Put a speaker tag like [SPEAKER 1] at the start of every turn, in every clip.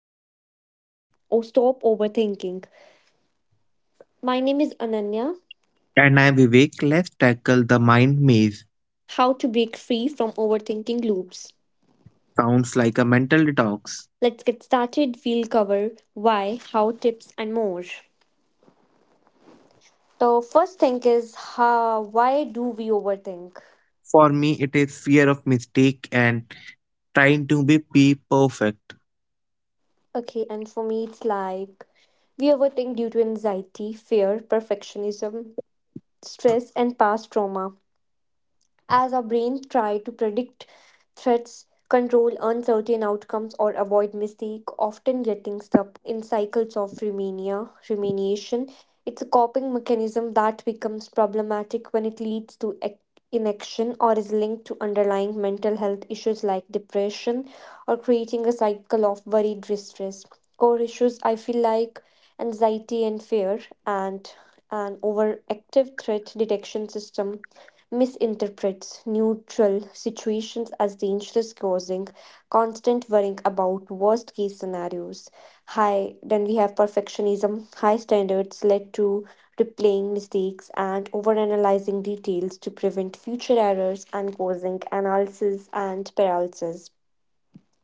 [SPEAKER 1] to Oh Stop Overthinking. My name is Ananya.
[SPEAKER 2] And I, Vivek, let's tackle the mind maze.
[SPEAKER 1] How to break free from overthinking loops.
[SPEAKER 2] Sounds like a mental detox.
[SPEAKER 1] Let's get started. We'll cover why, how tips, and more. The first thing is how, why do we overthink?
[SPEAKER 2] For me, it is fear of mistake and trying to be perfect.
[SPEAKER 1] Okay, and for me, it's like we overthink due to anxiety, fear, perfectionism, stress, and past trauma. As our brains try to predict threats, control uncertain outcomes, or avoid mistake, often getting stuck in cycles of remania, rumination. It's a coping mechanism that becomes problematic when it leads to inaction or is linked to underlying mental health issues like depression or creating a cycle of worry, distress. Core issues, I feel like anxiety and fear and an overactive threat detection system misinterprets neutral situations as dangerous, causing constant worrying about worst case scenarios. High, then we have perfectionism. High standards led to replaying mistakes and overanalyzing details to prevent future errors and causing analysis and paralysis.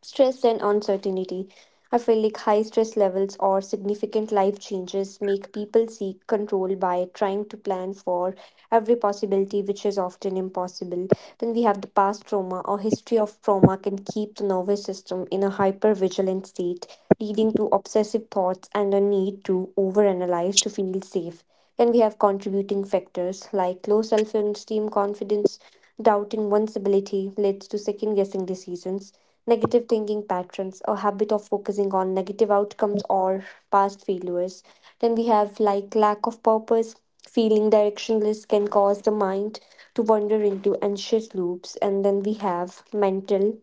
[SPEAKER 1] Stress and uncertainty. I feel like high stress levels or significant life changes make people seek control by trying to plan for every possibility, which is often impossible. Then we have the past trauma, or history of trauma can keep the nervous system in a hypervigilant state, leading to obsessive thoughts and a need to overanalyze to feel safe. Then we have contributing factors like low self esteem, confidence, doubting one's ability leads to second guessing decisions, negative thinking patterns, a habit of focusing on negative outcomes or past failures. Then we have like lack of purpose, feeling directionless can cause the mind to wander into anxious loops. And then we have mental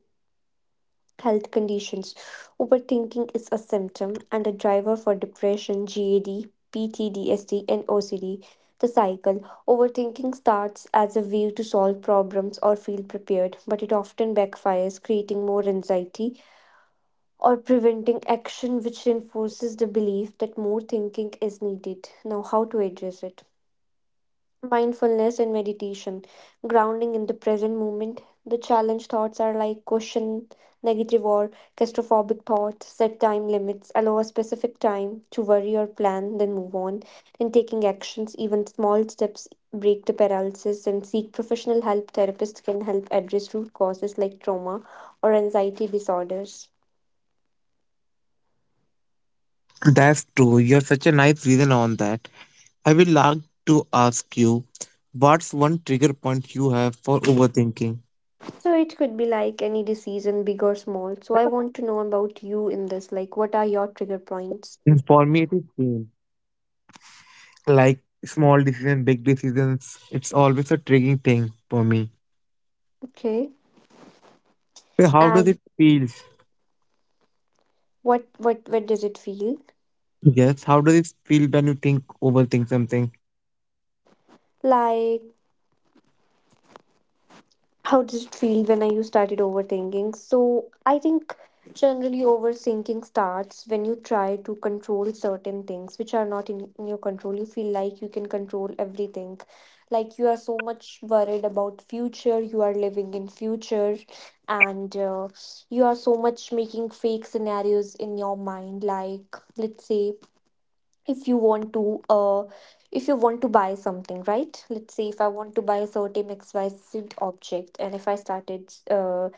[SPEAKER 1] health conditions. Overthinking is a symptom and a driver for depression, GAD, PTSD, and OCD. The cycle. Overthinking starts as a way to solve problems or feel prepared, but it often backfires, creating more anxiety or preventing action, which reinforces the belief that more thinking is needed. Now, how to address it? Mindfulness and meditation, grounding in the present moment. The challenge thoughts are like question, negative, or claustrophobic thoughts. Set time limits, allow a specific time to worry or plan, then move on. And taking actions, even small steps, break the paralysis and seek professional help. Therapists can help address root causes like trauma or anxiety disorders.
[SPEAKER 2] That's true. You're such a nice reason on that. I would like to ask you, what's one trigger point you have for overthinking?
[SPEAKER 1] So it could be like any decision, big or small. So I want to know about you in this. Like, what are your trigger points?
[SPEAKER 2] And for me, it is same. Like small decision, big decisions. It's always a triggering thing for me.
[SPEAKER 1] Okay.
[SPEAKER 2] So how does
[SPEAKER 1] And
[SPEAKER 2] it feel?
[SPEAKER 1] what does it feel
[SPEAKER 2] Yes, how does it feel when you think overthink something?
[SPEAKER 1] like? How did it feel when I you started overthinking? So I think generally overthinking starts when you try to control certain things which are not in your control. You feel like you can control everything. Like you are so much worried about future, you are living in future, and you are so much making fake scenarios in your mind. Like, let's say if you want to if you want to buy something, right? Let's say if I want to buy a certain XYZ object, and if I started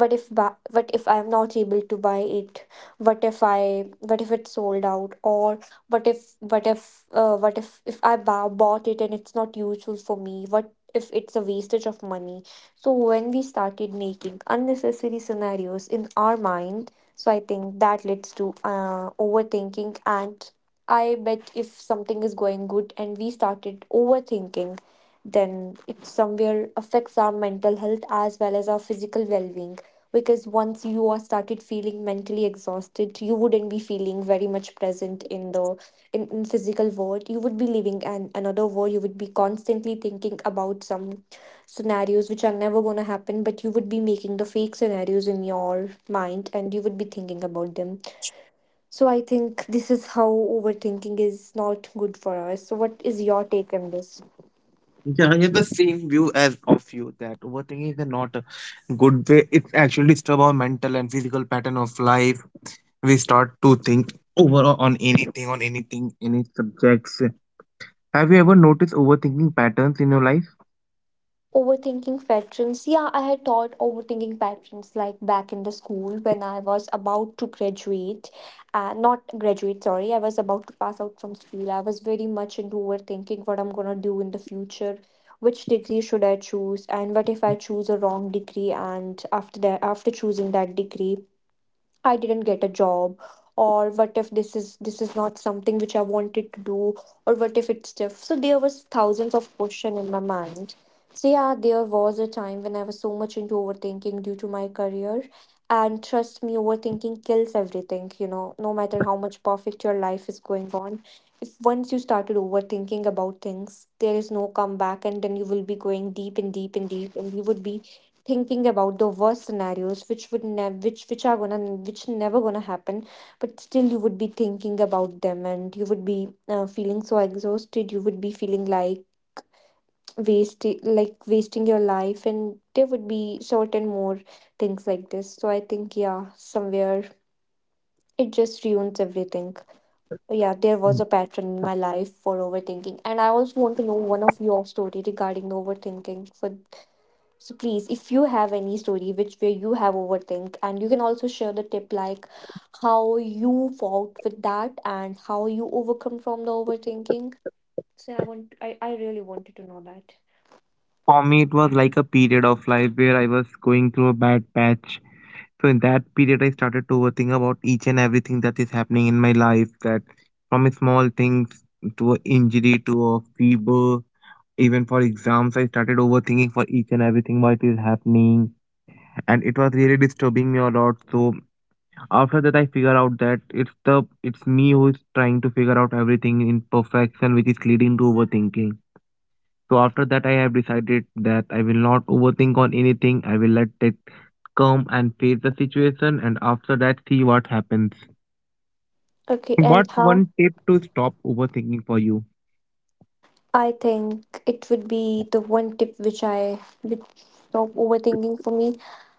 [SPEAKER 1] what if what if I'm not able to buy it, what if it's sold out, or what if I bought it and it's not useful for me, what if it's a wastage of money? So when we started making unnecessary scenarios in our mind, so I think that leads to overthinking. And I bet if something is going good and we started overthinking, then it somewhere affects our mental health as well as our physical well being. Because once you are started feeling mentally exhausted, you wouldn't be feeling very much present in the in physical world. You would be living an another world. You would be constantly thinking about some scenarios which are never gonna happen, but you would be making the fake scenarios in your mind and you would be thinking about them. So I think this is how overthinking is not good for us. So what is your take on this?
[SPEAKER 2] Yeah, I have the same view as of you that overthinking is not a good way. It actually disturbs our mental and physical pattern of life. We start to think over on anything, any subjects. Have you ever noticed overthinking patterns in your life?
[SPEAKER 1] Overthinking patterns. Yeah, I had taught overthinking patterns like back in the school when I was about to graduate. Not graduate, sorry. I was about to pass out from school. I was very much into overthinking what I'm gonna do in the future. Which degree should I choose? And what if I choose a wrong degree? And after that, after choosing that degree, I didn't get a job, or what if this is not something which I wanted to do, or what if it's tough. So there was thousands of question in my mind. So yeah, there was a time when I was so much into overthinking due to my career. And trust me, overthinking kills everything, you know, no matter how much perfect your life is going on. If once you started overthinking about things, there is no comeback and then you will be going deep and deep and deep, and you would be thinking about the worst scenarios which would never which which are gonna which never gonna happen, but still you would be thinking about them, and you would be feeling so exhausted. You would be feeling like wasting your life, and there would be certain more things like this. So I think, yeah, somewhere it just ruins everything. Yeah, there was a pattern in my life for overthinking, and I also want to know one of your story regarding the overthinking for. So please, if you have any story which where you have overthink, and you can also share the tip like how you fought with that and how you overcome from the overthinking. So I want I really wanted to know that.
[SPEAKER 2] For me, it was like a period of life where I was going through a bad patch. So in that period, I started to overthink about each and everything that is happening in my life. That, from small things to a injury to a fever. Even for exams, I started overthinking for each and everything what is happening, and it was really disturbing me a lot. So after that, I figure out that it's me who is trying to figure out everything in perfection, which is leading to overthinking. So after that, I have decided that I will not overthink on anything. I will let it come and face the situation, and after that, see what happens.
[SPEAKER 1] Okay, and
[SPEAKER 2] What's
[SPEAKER 1] how
[SPEAKER 2] one tip to stop overthinking for you?
[SPEAKER 1] I think it would be the one tip which stop overthinking for me,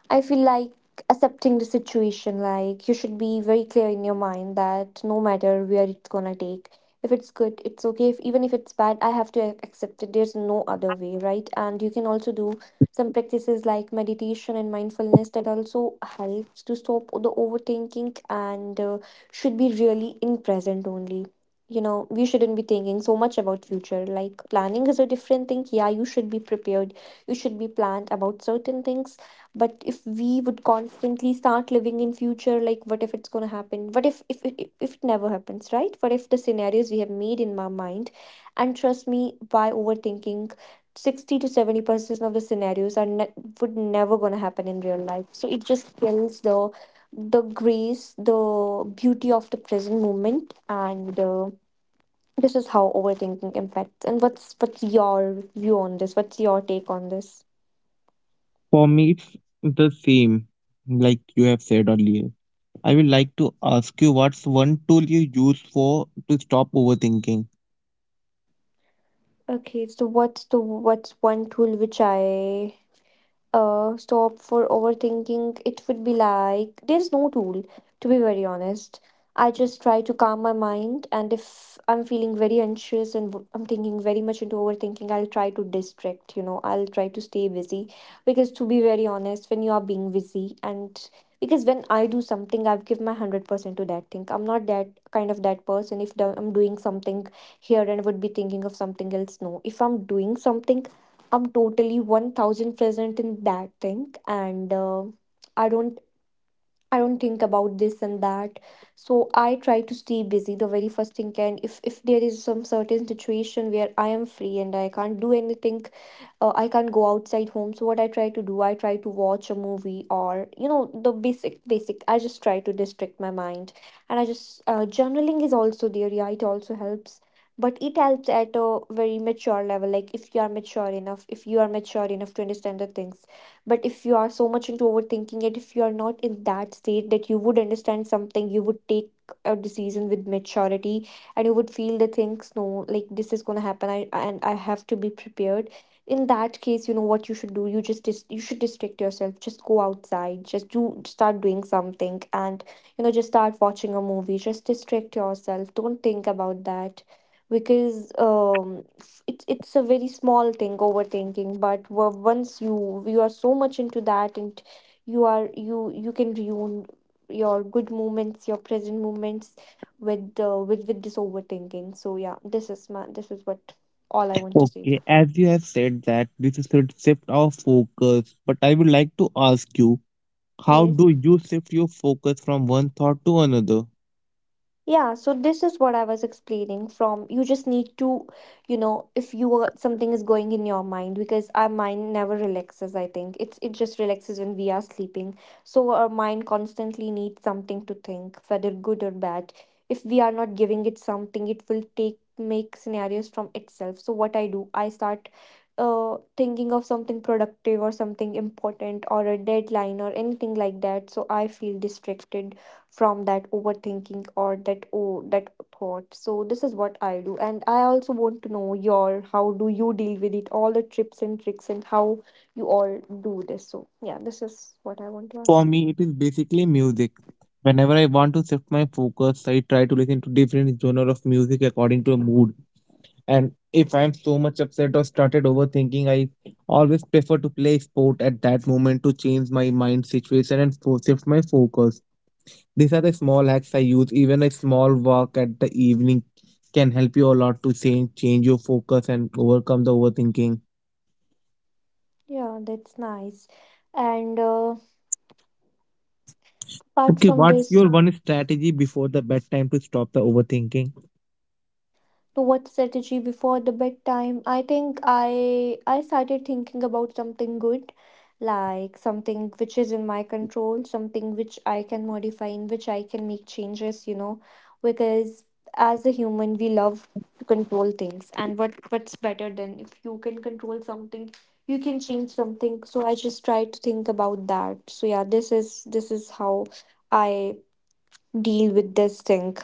[SPEAKER 1] I feel like accepting the situation. Like you should be very clear in your mind that no matter where it's gonna take, if it's good, it's okay. If even if it's bad, I have to accept it. There's no other way, right? And you can also do some practices like meditation and mindfulness. That also helps to stop the overthinking, and should be really in present only. You know, we shouldn't be thinking so much about future. Like planning is a different thing. Yeah, you should be prepared. You should be planned about certain things, but if we would constantly start living in future, like what if it's going to happen, what if if it never happens, right? What if the scenarios we have made in my mind. And trust me, by overthinking, 60 to 70% of the scenarios are would never going to happen in real life. So it just kills the grace, the beauty of the present moment. And this is how overthinking impacts. And what's your view on this? What's your take on this?
[SPEAKER 2] For me, it's the same, like you have said earlier. I would like to ask you, what's one tool you use for to stop overthinking?
[SPEAKER 1] Okay, so what's one tool which I stop for overthinking, it would be like there's no tool, to be very honest. I just try to calm my mind, and if I'm feeling very anxious and I'm thinking very much into overthinking, I'll try to distract, you know, I'll try to stay busy. Because, to be very honest, when you are being busy, and because when I do something, I've give my 100% to that thing. I'm not that kind of that person. If I'm doing something here and would be thinking of something else, no. If I'm doing something, I'm totally 1000 present in that thing, and I don't I don't think about this and that. So I try to stay busy the very first thing can. If there is some certain situation where I am free and I can't do anything, I can't go outside home. So what I try to do, I try to watch a movie, or you know, the basic. I just try to distract my mind, and I just journaling is also there. Yeah, it also helps. But it helps at a very mature level. Like, if you are mature enough, if you are mature enough to understand the things, but if you are so much into overthinking, it if you are not in that state that you would understand something, you would take a decision with maturity, and you would feel the things, no, like, this is going to happen. And I have to be prepared. In that case, you know what you should do, you just you should distract yourself, just go outside, just do start doing something, and just start watching a movie, just distract yourself, don't think about that, because it's a very small thing, overthinking. But once you are so much into that, and you are, you can ruin your good moments, your present moments, with with this overthinking. So yeah, this is my, this is what all I want to say.
[SPEAKER 2] Okay, as you have said that this is should shift our focus, but I would like to ask you, how
[SPEAKER 1] Yes.
[SPEAKER 2] do you shift your focus from one thought to another?
[SPEAKER 1] Yeah, so this is what I was explaining. From you just need to, if you are, something is going in your mind, because our mind never relaxes, I think. It just relaxes when we are sleeping. So our mind constantly needs something to think, whether good or bad. If we are not giving it something, it will take make scenarios from itself. So what I do, I start thinking of something productive, or something important, or a deadline, or anything like that. So I feel distracted from that overthinking, or that thought. So this is what I do, and I also want to know your — how do you deal with it, all the trips and tricks, and how you all do this? So yeah, this is what I want to
[SPEAKER 2] For
[SPEAKER 1] ask.
[SPEAKER 2] me, it is basically music. Whenever I want to shift my focus, I try to listen to different genre of music according to a mood. And if I'm so much upset or started overthinking, I always prefer to play sport at that moment to change my mind situation and shift my focus. These are the small hacks I use. Even a small walk at the evening can help you a lot to change your focus and overcome the overthinking.
[SPEAKER 1] Yeah, that's nice. And apart
[SPEAKER 2] Okay,
[SPEAKER 1] from
[SPEAKER 2] what's your
[SPEAKER 1] this,
[SPEAKER 2] one strategy before the bedtime to stop the overthinking?
[SPEAKER 1] to what strategy before the bedtime, I think I started thinking about something good, like something which is in my control, something which I can modify, in which I can make changes, you know. Because as a human, we love to control things, and what's better than if you can control something, you can change something. So I just try to think about that. So yeah, this is how I deal with this thing.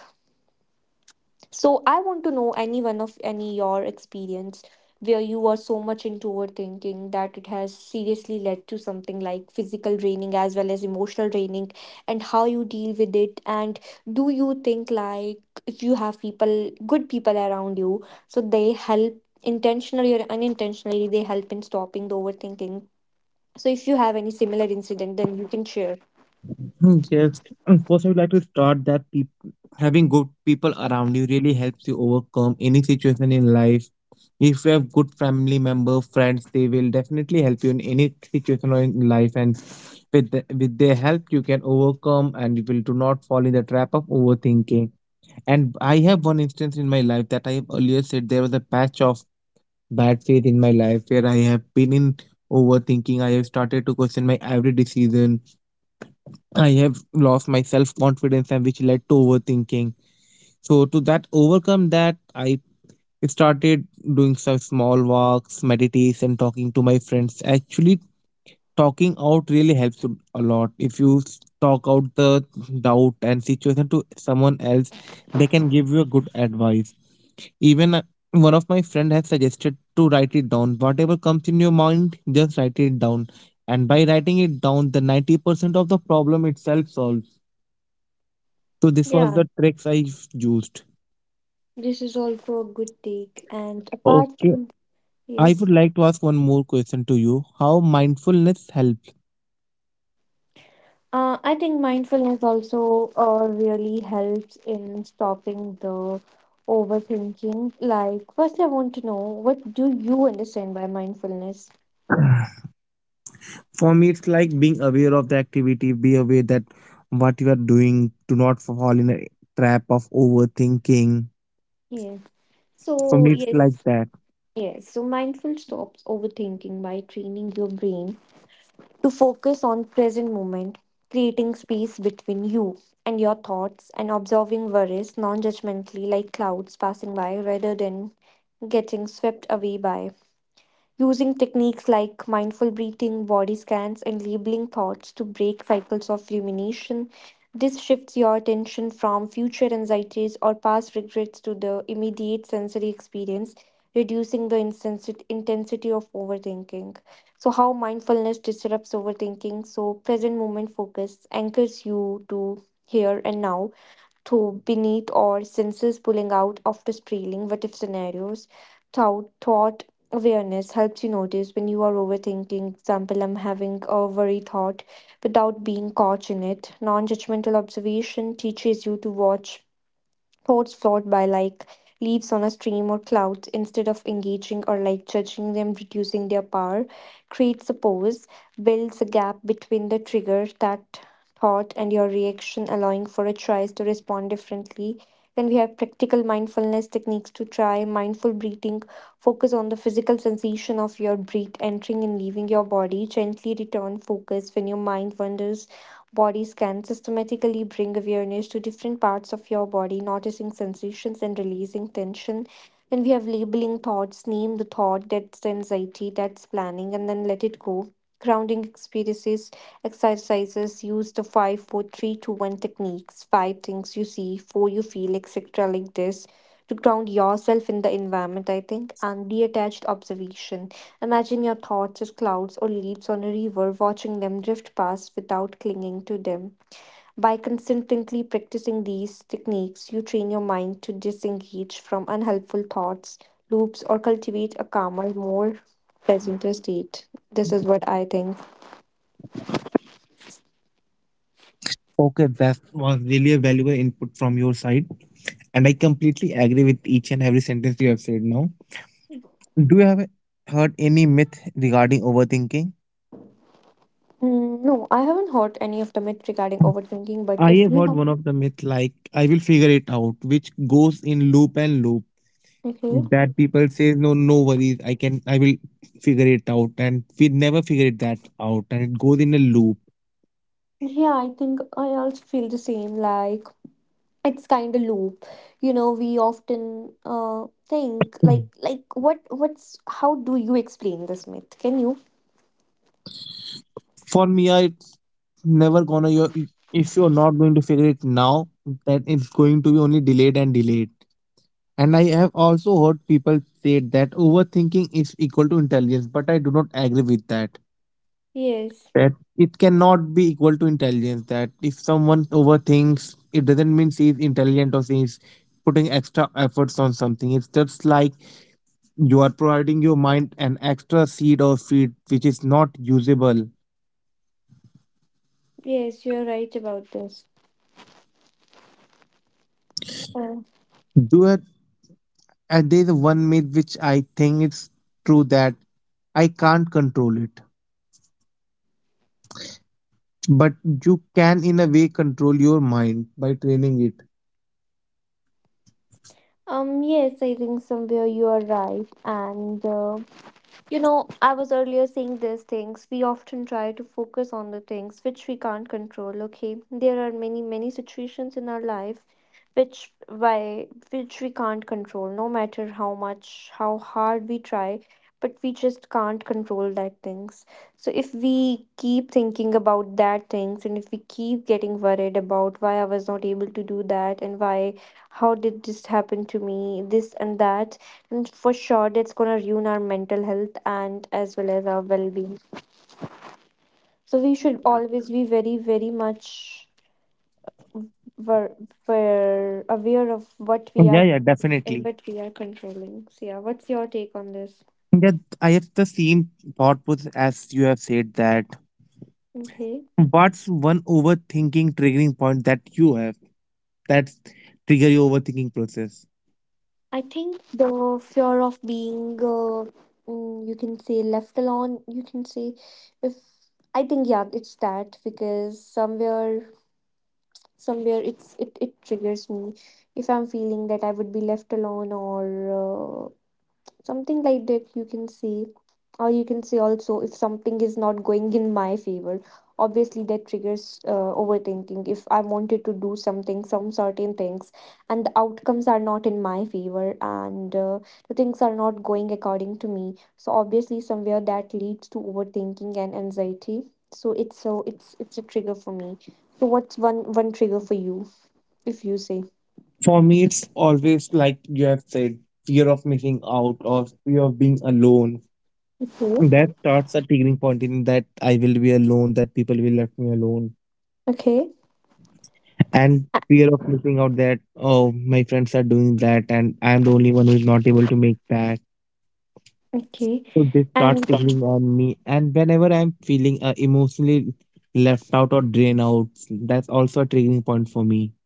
[SPEAKER 1] So I want to know any one of any your experience where you were so much into overthinking that it has seriously led to something like physical draining as well as emotional draining, and how you deal with it. And do you think, like, if you have people, good people around you, so they help intentionally or unintentionally, they help in stopping the overthinking. So if you have any similar incident, then you can share.
[SPEAKER 2] Mm. Yes. First, I would like to start that having good people around you really helps you overcome any situation in life. If you have good family member, friends, they will definitely help you in any situation or in life, and with their help, you can overcome and you will do not fall in the trap of overthinking. And I have one instance in my life that I have earlier said there was a patch of bad phase in my life where I have been in overthinking. I have started to question my every decision. I have lost my self confidence, and which led to overthinking. So to that overcome that, I started doing some small walks, meditation, talking to my friends. Actually, talking out really helps you a lot. If you talk out the doubt and situation to someone else, they can give you a good advice. Even one of my friend has suggested to write it down. Whatever comes in your mind, just write it down. And by writing it down, the 90% of the problem itself solves. So this was the
[SPEAKER 1] Yeah,
[SPEAKER 2] tricks I used.
[SPEAKER 1] this is also a good take. And apart
[SPEAKER 2] Okay,
[SPEAKER 1] from,
[SPEAKER 2] I would
[SPEAKER 1] yes.
[SPEAKER 2] like to ask one more question to you. How mindfulness helps?
[SPEAKER 1] I think mindfulness also really helps in stopping the overthinking. Like, firstly, I want to know, what do you understand by mindfulness?
[SPEAKER 2] For me, it's like being aware of the activity, be aware that what you are doing, do not fall in a trap of overthinking.
[SPEAKER 1] Yes.
[SPEAKER 2] For me,
[SPEAKER 1] So,
[SPEAKER 2] it's like
[SPEAKER 1] yes,
[SPEAKER 2] that.
[SPEAKER 1] yes. So, mindful stops overthinking by training your brain to focus on present moment, creating space between you and your thoughts, and observing worries non-judgmentally, like clouds passing by, rather than getting swept away by, using techniques like mindful breathing, body scans, and labeling thoughts to break cycles of rumination. This shifts your attention from future anxieties or past regrets to the immediate sensory experience, reducing the intensity of overthinking. So, how mindfulness disrupts overthinking. So, present moment focus anchors you to here and now through beneath or senses, pulling out after spiraling what if scenarios. Thought awareness helps you notice when you are overthinking. Example, I'm having a worry thought without being caught in it. Non judgmental observation teaches you to watch thoughts flowed by, like leaves on a stream or clouds, instead of engaging or like judging them, reducing their power. Creates a pause, builds a gap between the trigger, that thought, and your reaction, allowing for a choice to respond differently. Then we have practical mindfulness techniques to try. Mindful breathing, focus on the physical sensation of your breath entering and leaving your body, gently return focus when your mind wanders. Body scan, systematically bring awareness to different parts of your body, noticing sensations and releasing tension. Then we have labeling thoughts, name the thought, that's the anxiety, that's planning, and then let it go. Grounding experiences, exercises, use the 5-4-3-2-1 techniques, 5 things you see, 4 you feel, etc., like this, to ground yourself in the environment, I think, and detached observation. Imagine your thoughts as clouds or leaves on a river, watching them drift past without clinging to them. By consistently practicing these techniques, you train your mind to disengage from unhelpful thoughts, loops, or cultivate a calmer, more present state. This is what I think.
[SPEAKER 2] Okay, that was really a valuable input from your side, and I completely agree with each and every sentence you have said now. Do you have heard any myth regarding overthinking?
[SPEAKER 1] Mm, no, I haven't heard any of the myth regarding overthinking, but
[SPEAKER 2] I
[SPEAKER 1] if you
[SPEAKER 2] have
[SPEAKER 1] have,
[SPEAKER 2] heard one of the myth like I will figure it out, which goes in loop and loop.
[SPEAKER 1] okay.
[SPEAKER 2] That people say, no, no worries, I can, I will figure it out, and we never figure it that out, and it goes in a loop.
[SPEAKER 1] Yeah, I think I also feel the same. Like, it's kind of loop. We often think, like
[SPEAKER 2] Mm.
[SPEAKER 1] like what what's how do you explain this myth? Can you?
[SPEAKER 2] For me, I it's never gonna. If you're not going to figure it now, then it's going to be only delayed and delayed. And I have also heard people say that overthinking is equal to intelligence, but I do not agree with that,
[SPEAKER 1] Yes.
[SPEAKER 2] that it cannot be equal to intelligence, that if someone overthinks it doesn't mean she's intelligent or she's putting extra efforts on something. It's just like you are providing your mind an extra seed or feed which is not usable.
[SPEAKER 1] Yes, you're right about this. Uh,
[SPEAKER 2] Do it. And there's one myth which I think it's true, that I can't control it. But you can in a way control your mind by training it.
[SPEAKER 1] yes, I think somewhere you are right. And you know, I was earlier saying these things. We often try to focus on the things which we can't control, okay? There are many, many situations in our life which we can't control, no matter how hard we try, but we just can't control that things. So if we keep thinking about that things, and if we keep getting worried about why I was not able to do that, and why how did this happen to me, this and that, and for sure that's going to ruin our mental health and as well as our well-being. So we should always be very, very much, were, were aware of what we are
[SPEAKER 2] Yeah, yeah,
[SPEAKER 1] and
[SPEAKER 2] definitely.
[SPEAKER 1] what we are controlling. So yeah, what's your take on this?
[SPEAKER 2] That, I have the same thought process as you have said that.
[SPEAKER 1] Okay.
[SPEAKER 2] What's one overthinking triggering point that you have, that trigger your overthinking process?
[SPEAKER 1] I think the fear of being you can say left alone, you can say. If I think, yeah, it's that, because somewhere it triggers me, if I'm feeling that I would be left alone, or uh, something like that, you can see. Or you can say also, if something is not going in my favor, obviously that triggers overthinking. If I wanted to do something, some certain things, and the outcomes are not in my favor, and the things are not going according to me, so obviously somewhere that leads to overthinking and anxiety. So it's, so it's a trigger for me. So what's one trigger for you, if you say?
[SPEAKER 2] For me, it's always like you have said, fear of missing out or fear of being alone.
[SPEAKER 1] Okay.
[SPEAKER 2] That starts a triggering point in that I will be alone, that people will left me alone,
[SPEAKER 1] Okay.
[SPEAKER 2] and
[SPEAKER 1] A-
[SPEAKER 2] fear of missing out, that oh, my friends are doing that and I'm the only one who is not able to make that.
[SPEAKER 1] okay.
[SPEAKER 2] So they
[SPEAKER 1] And
[SPEAKER 2] start signaling on me, and whenever I'm feeling emotionally left out or drained out, that's also a triggering point for me.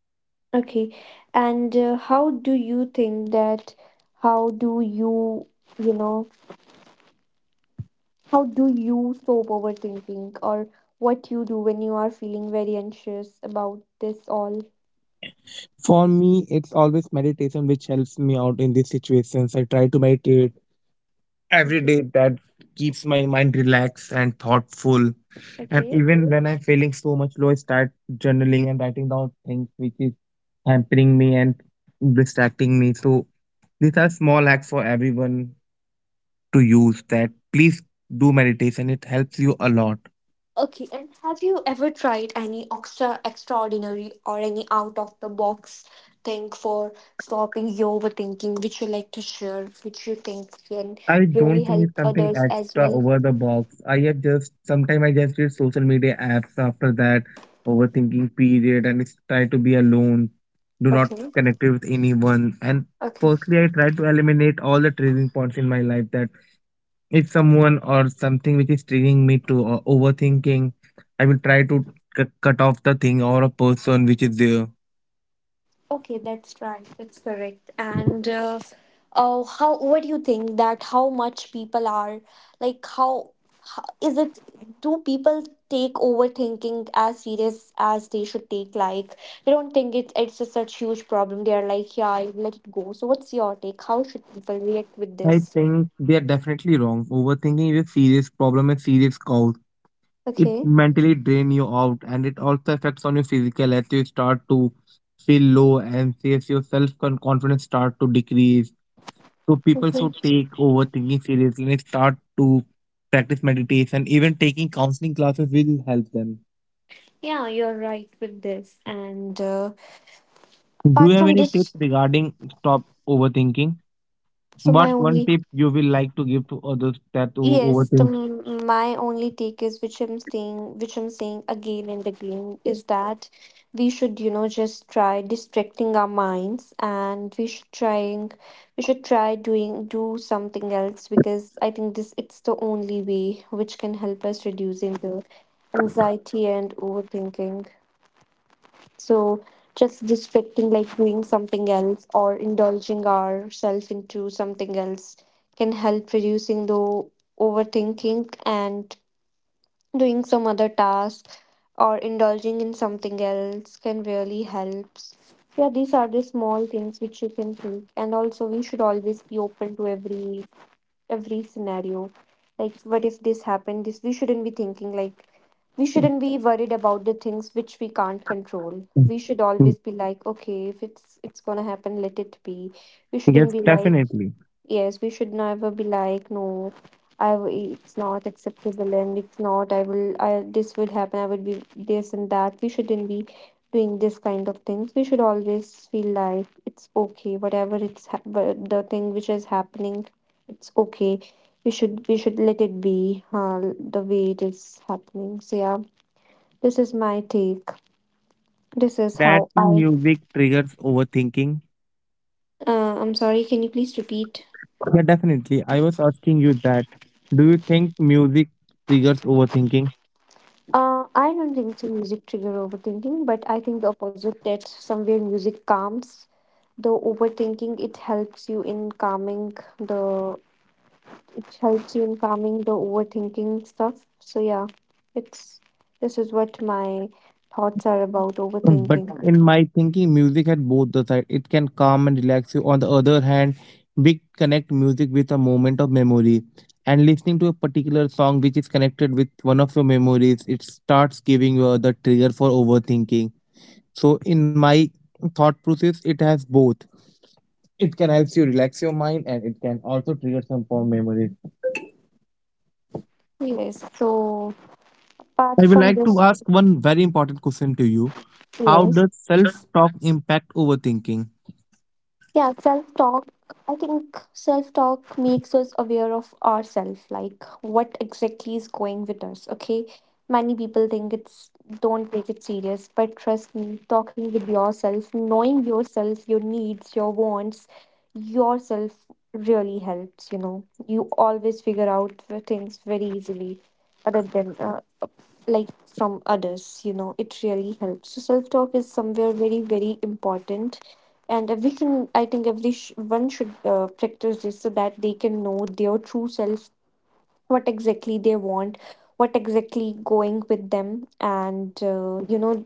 [SPEAKER 1] okay. And how do you think that? How do you, you know, how do you stop overthinking, or what you do when you are feeling very anxious about this all?
[SPEAKER 2] For me, it's always meditation which helps me out in these situations. I try to meditate every
[SPEAKER 1] Okay.
[SPEAKER 2] day. That keeps my mind relaxed and thoughtful. And
[SPEAKER 1] Okay.
[SPEAKER 2] even when I'm feeling so much low, I start journaling and writing down things which is hampering me and distracting me. So these are small acts for everyone to use that, please do meditation. It helps you a lot.
[SPEAKER 1] Okay, and have you ever tried any extraordinary or any out of the box thing for stopping your overthinking, which you like to share, which you think can
[SPEAKER 2] I
[SPEAKER 1] really
[SPEAKER 2] don't think
[SPEAKER 1] help
[SPEAKER 2] it's something
[SPEAKER 1] others as
[SPEAKER 2] extra
[SPEAKER 1] well?
[SPEAKER 2] over the box. I have just sometimes I just read social media apps after that overthinking period, and it's try to be alone. Do not
[SPEAKER 1] Okay.
[SPEAKER 2] connect with anyone. And
[SPEAKER 1] Okay.
[SPEAKER 2] firstly, I try to eliminate all the triggering points in my life, that if someone or something which is triggering me to overthinking, I will try to cut off the thing or a person which is there.
[SPEAKER 1] Okay, that's right. That's correct. And how? What do you think that how much people are like? How is it? Do people take overthinking as serious as they should take? Like, they don't think it's a such huge problem. They are like, yeah, I'll let it go. So what's your take? How should people react with
[SPEAKER 2] I
[SPEAKER 1] this?
[SPEAKER 2] think they are definitely wrong. Overthinking is a serious problem and serious cause. It
[SPEAKER 1] Okay.
[SPEAKER 2] mentally drain you out, and it also affects on your physical as you start to feel low and as your confidence start to decrease. So people
[SPEAKER 1] Okay.
[SPEAKER 2] should take overthinking seriously and start to practice meditation. Even taking counseling classes will help them.
[SPEAKER 1] Yeah, you're right with this. And
[SPEAKER 2] Do
[SPEAKER 1] apart
[SPEAKER 2] you have
[SPEAKER 1] from
[SPEAKER 2] any tips
[SPEAKER 1] this,
[SPEAKER 2] regarding stop overthinking?
[SPEAKER 1] so my
[SPEAKER 2] What's one
[SPEAKER 1] only
[SPEAKER 2] tip you will like to give to others that who
[SPEAKER 1] Yes,
[SPEAKER 2] overthink?
[SPEAKER 1] my only take is, which I'm saying again and again, is that we should, you know, just try distracting our minds, and we should try doing do something else, because I think this it's the only way which can help us reducing the anxiety and overthinking. So just distracting, like doing something else or indulging ourselves into something else, can help reducing the overthinking, and doing some other task or indulging in something else can really helps. Yeah, these are the small things which you can think, and also we should always be open to every, scenario, like what if this happened, this, we shouldn't be thinking, like, we shouldn't be worried about the things which we can't control. We should always
[SPEAKER 2] Yes,
[SPEAKER 1] be like, okay, if it's gonna happen, let it be. We shouldn't be
[SPEAKER 2] yes,
[SPEAKER 1] Yeah. Like,
[SPEAKER 2] definitely.
[SPEAKER 1] yes, we should never be like, no, it's not acceptable, and it's not. I will, I this would happen, I would be this and that. We shouldn't be doing this kind of things. We should always feel like, it's okay, whatever the thing which is happening, it's okay. We should let it be the way it is happening. So yeah, this is my take.
[SPEAKER 2] Do you
[SPEAKER 1] This is
[SPEAKER 2] think
[SPEAKER 1] how
[SPEAKER 2] that
[SPEAKER 1] I.
[SPEAKER 2] music triggers overthinking?
[SPEAKER 1] I'm sorry, can you please repeat?
[SPEAKER 2] Yeah, definitely. I was asking you that. Do you think music triggers overthinking?
[SPEAKER 1] I don't think so music trigger overthinking, but I think the opposite, that somewhere music calms the overthinking. It helps you in calming the overthinking stuff. So yeah, it's this is what my thoughts are about
[SPEAKER 2] But
[SPEAKER 1] overthinking.
[SPEAKER 2] in my thinking, music had both the side. It can calm and relax you. On the other hand, we connect music with a moment of memory. And listening to a particular song which is connected with one of your memories, it starts giving you the trigger for overthinking. So in my thought process, it has both. It can help you relax your mind, and it can also trigger some fond memories.
[SPEAKER 1] Yes. So
[SPEAKER 2] I
[SPEAKER 1] apart
[SPEAKER 2] would
[SPEAKER 1] from
[SPEAKER 2] like to
[SPEAKER 1] this,
[SPEAKER 2] ask one very important question to you. How
[SPEAKER 1] yes.
[SPEAKER 2] does self-talk impact overthinking?
[SPEAKER 1] Yeah, self talk. I think self talk makes us aware of ourselves, like what exactly is going with us. Okay, many people think it's don't take it serious, but trust me, talking with yourself, knowing yourself, your needs, your wants, yourself, really helps. You know, you always figure out the things very easily, other than like from others, you know, it really helps. So self talk is somewhere very, very important, and every can I think one should practice this, so that they can know their true self, what exactly they want, what exactly going with them. And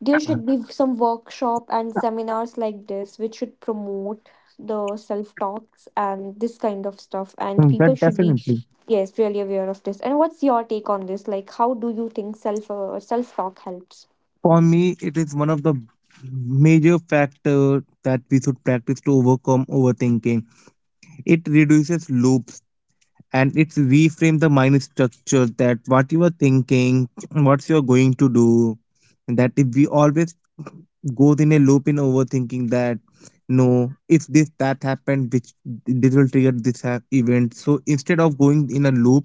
[SPEAKER 1] there should be some workshop and seminars like this, which should promote the self talks and this kind of stuff. And
[SPEAKER 2] Mm,
[SPEAKER 1] people
[SPEAKER 2] that
[SPEAKER 1] should be,
[SPEAKER 2] definitely.
[SPEAKER 1] yes, really aware of this. And what's your take on this? Like, how do you think self talk helps?
[SPEAKER 2] For me, it is one of the major factor that we should practice to overcome overthinking. It reduces loops, and it reframe the mind structure that what you are thinking, what you are going to do. And that if we always goes in a loop in overthinking, that no, if this that happened, which this will trigger this event. So instead of going in a loop,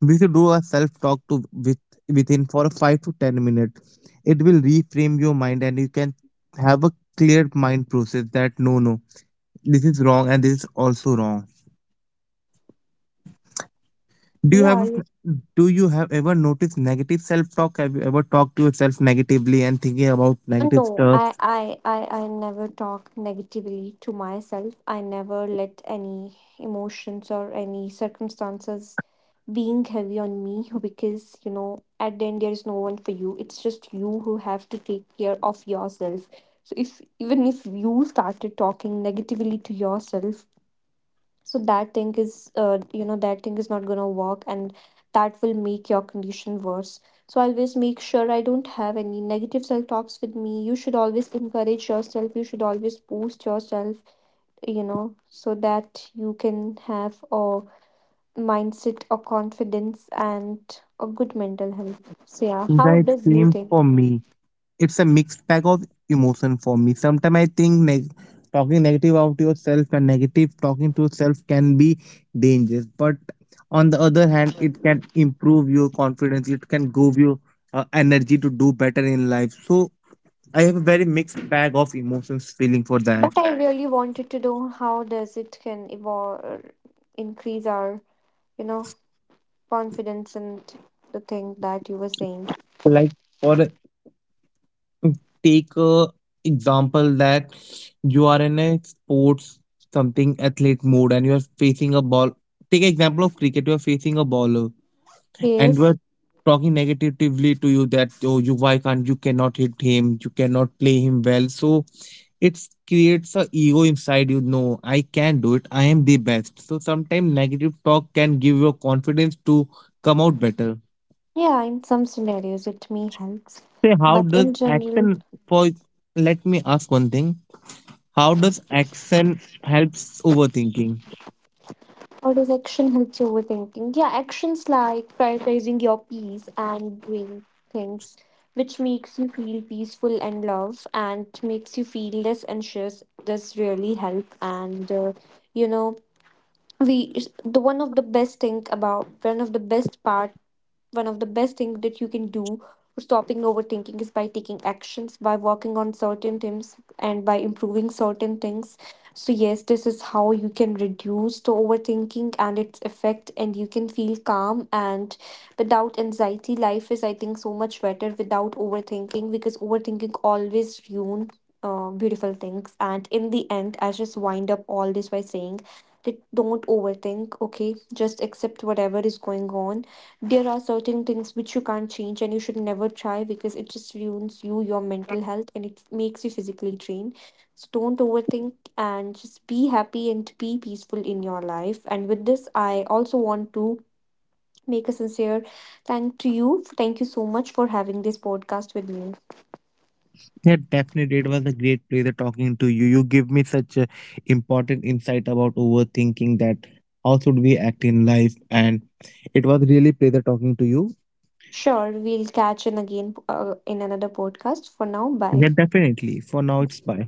[SPEAKER 2] we should do a self talk to with within, for 5 to 10 minutes it will reframe your mind, and you can have a clear mind process that, no, no, this is wrong and this is also wrong. do you
[SPEAKER 1] Yeah,
[SPEAKER 2] have do you have ever noticed negative self talk? Have you ever talked to yourself negatively and thinking about negative
[SPEAKER 1] No,
[SPEAKER 2] stuff?
[SPEAKER 1] I, I, I never talk negatively to myself. I never let any emotions or any circumstances being heavy on me, because you know, at the end there is no one for you, it's just you who have to take care of yourself. So if even if you started talking negatively to yourself, so that thing is, not going to work, and that will make your condition worse. So I always make sure I don't have any negative self talks with me. You should always encourage yourself, you should always boost yourself, you know so that you can have a mindset or confidence and a good mental health. So yeah, how
[SPEAKER 2] Yeah, it
[SPEAKER 1] does you
[SPEAKER 2] same
[SPEAKER 1] think?
[SPEAKER 2] for me. It's a mixed bag of emotion for me. Sometimes I think talking negative about yourself and negative talking to yourself can be dangerous. But on the other hand, it can improve your confidence. It can give you energy to do better in life. So I have a very mixed bag of emotions feeling for that.
[SPEAKER 1] But I really wanted to know, how does it can evolve, increase our, you know confidence and the thing that you were saying.
[SPEAKER 2] Like, for a- take a example that you are in a sports something athlete mode, and you are facing a ball. Take example of cricket. You are facing a ball. And
[SPEAKER 1] Yes.
[SPEAKER 2] were talking negatively to you that, oh, you why can't, you cannot hit him, you cannot play him well. So it creates a ego inside you, no, I can do it, I am the best. So sometimes negative talk can give your confidence to come out better.
[SPEAKER 1] Yeah, in some scenarios it may helps,
[SPEAKER 2] Say how
[SPEAKER 1] but
[SPEAKER 2] does
[SPEAKER 1] in general.
[SPEAKER 2] action for Let me ask one thing. How does action helps overthinking?
[SPEAKER 1] Or does action help you overthinking? Yeah, actions like prioritizing your peace and doing things which makes you feel peaceful and love and makes you feel less anxious does really help. And you know, we the one of the best thing about one of the best part one of the best things that you can do for stopping overthinking is by taking actions, by working on certain things, and by improving certain things. So, yes, this is how you can reduce the overthinking and its effect, and you can feel calm and without anxiety. Life is, I think, so much better without overthinking, because overthinking always ruins beautiful things. And in the end, I just wind up all this by saying that, don't overthink, okay? Just accept whatever is going on. There are certain things which you can't change, and you should never try, because it just ruins you, your mental health, and it makes you physically drained. So don't overthink, and just be happy and be peaceful in your life. And with this, I also want to make a sincere thank to you. Thank you so much for having this podcast with me.
[SPEAKER 2] Yeah, definitely. It was a great pleasure talking to you. You give me such a important insight about overthinking that how should we act in life. And it was really pleasure talking to you.
[SPEAKER 1] Sure, we'll catch in again in another podcast. For now, bye.
[SPEAKER 2] Yeah, definitely. For now, it's bye.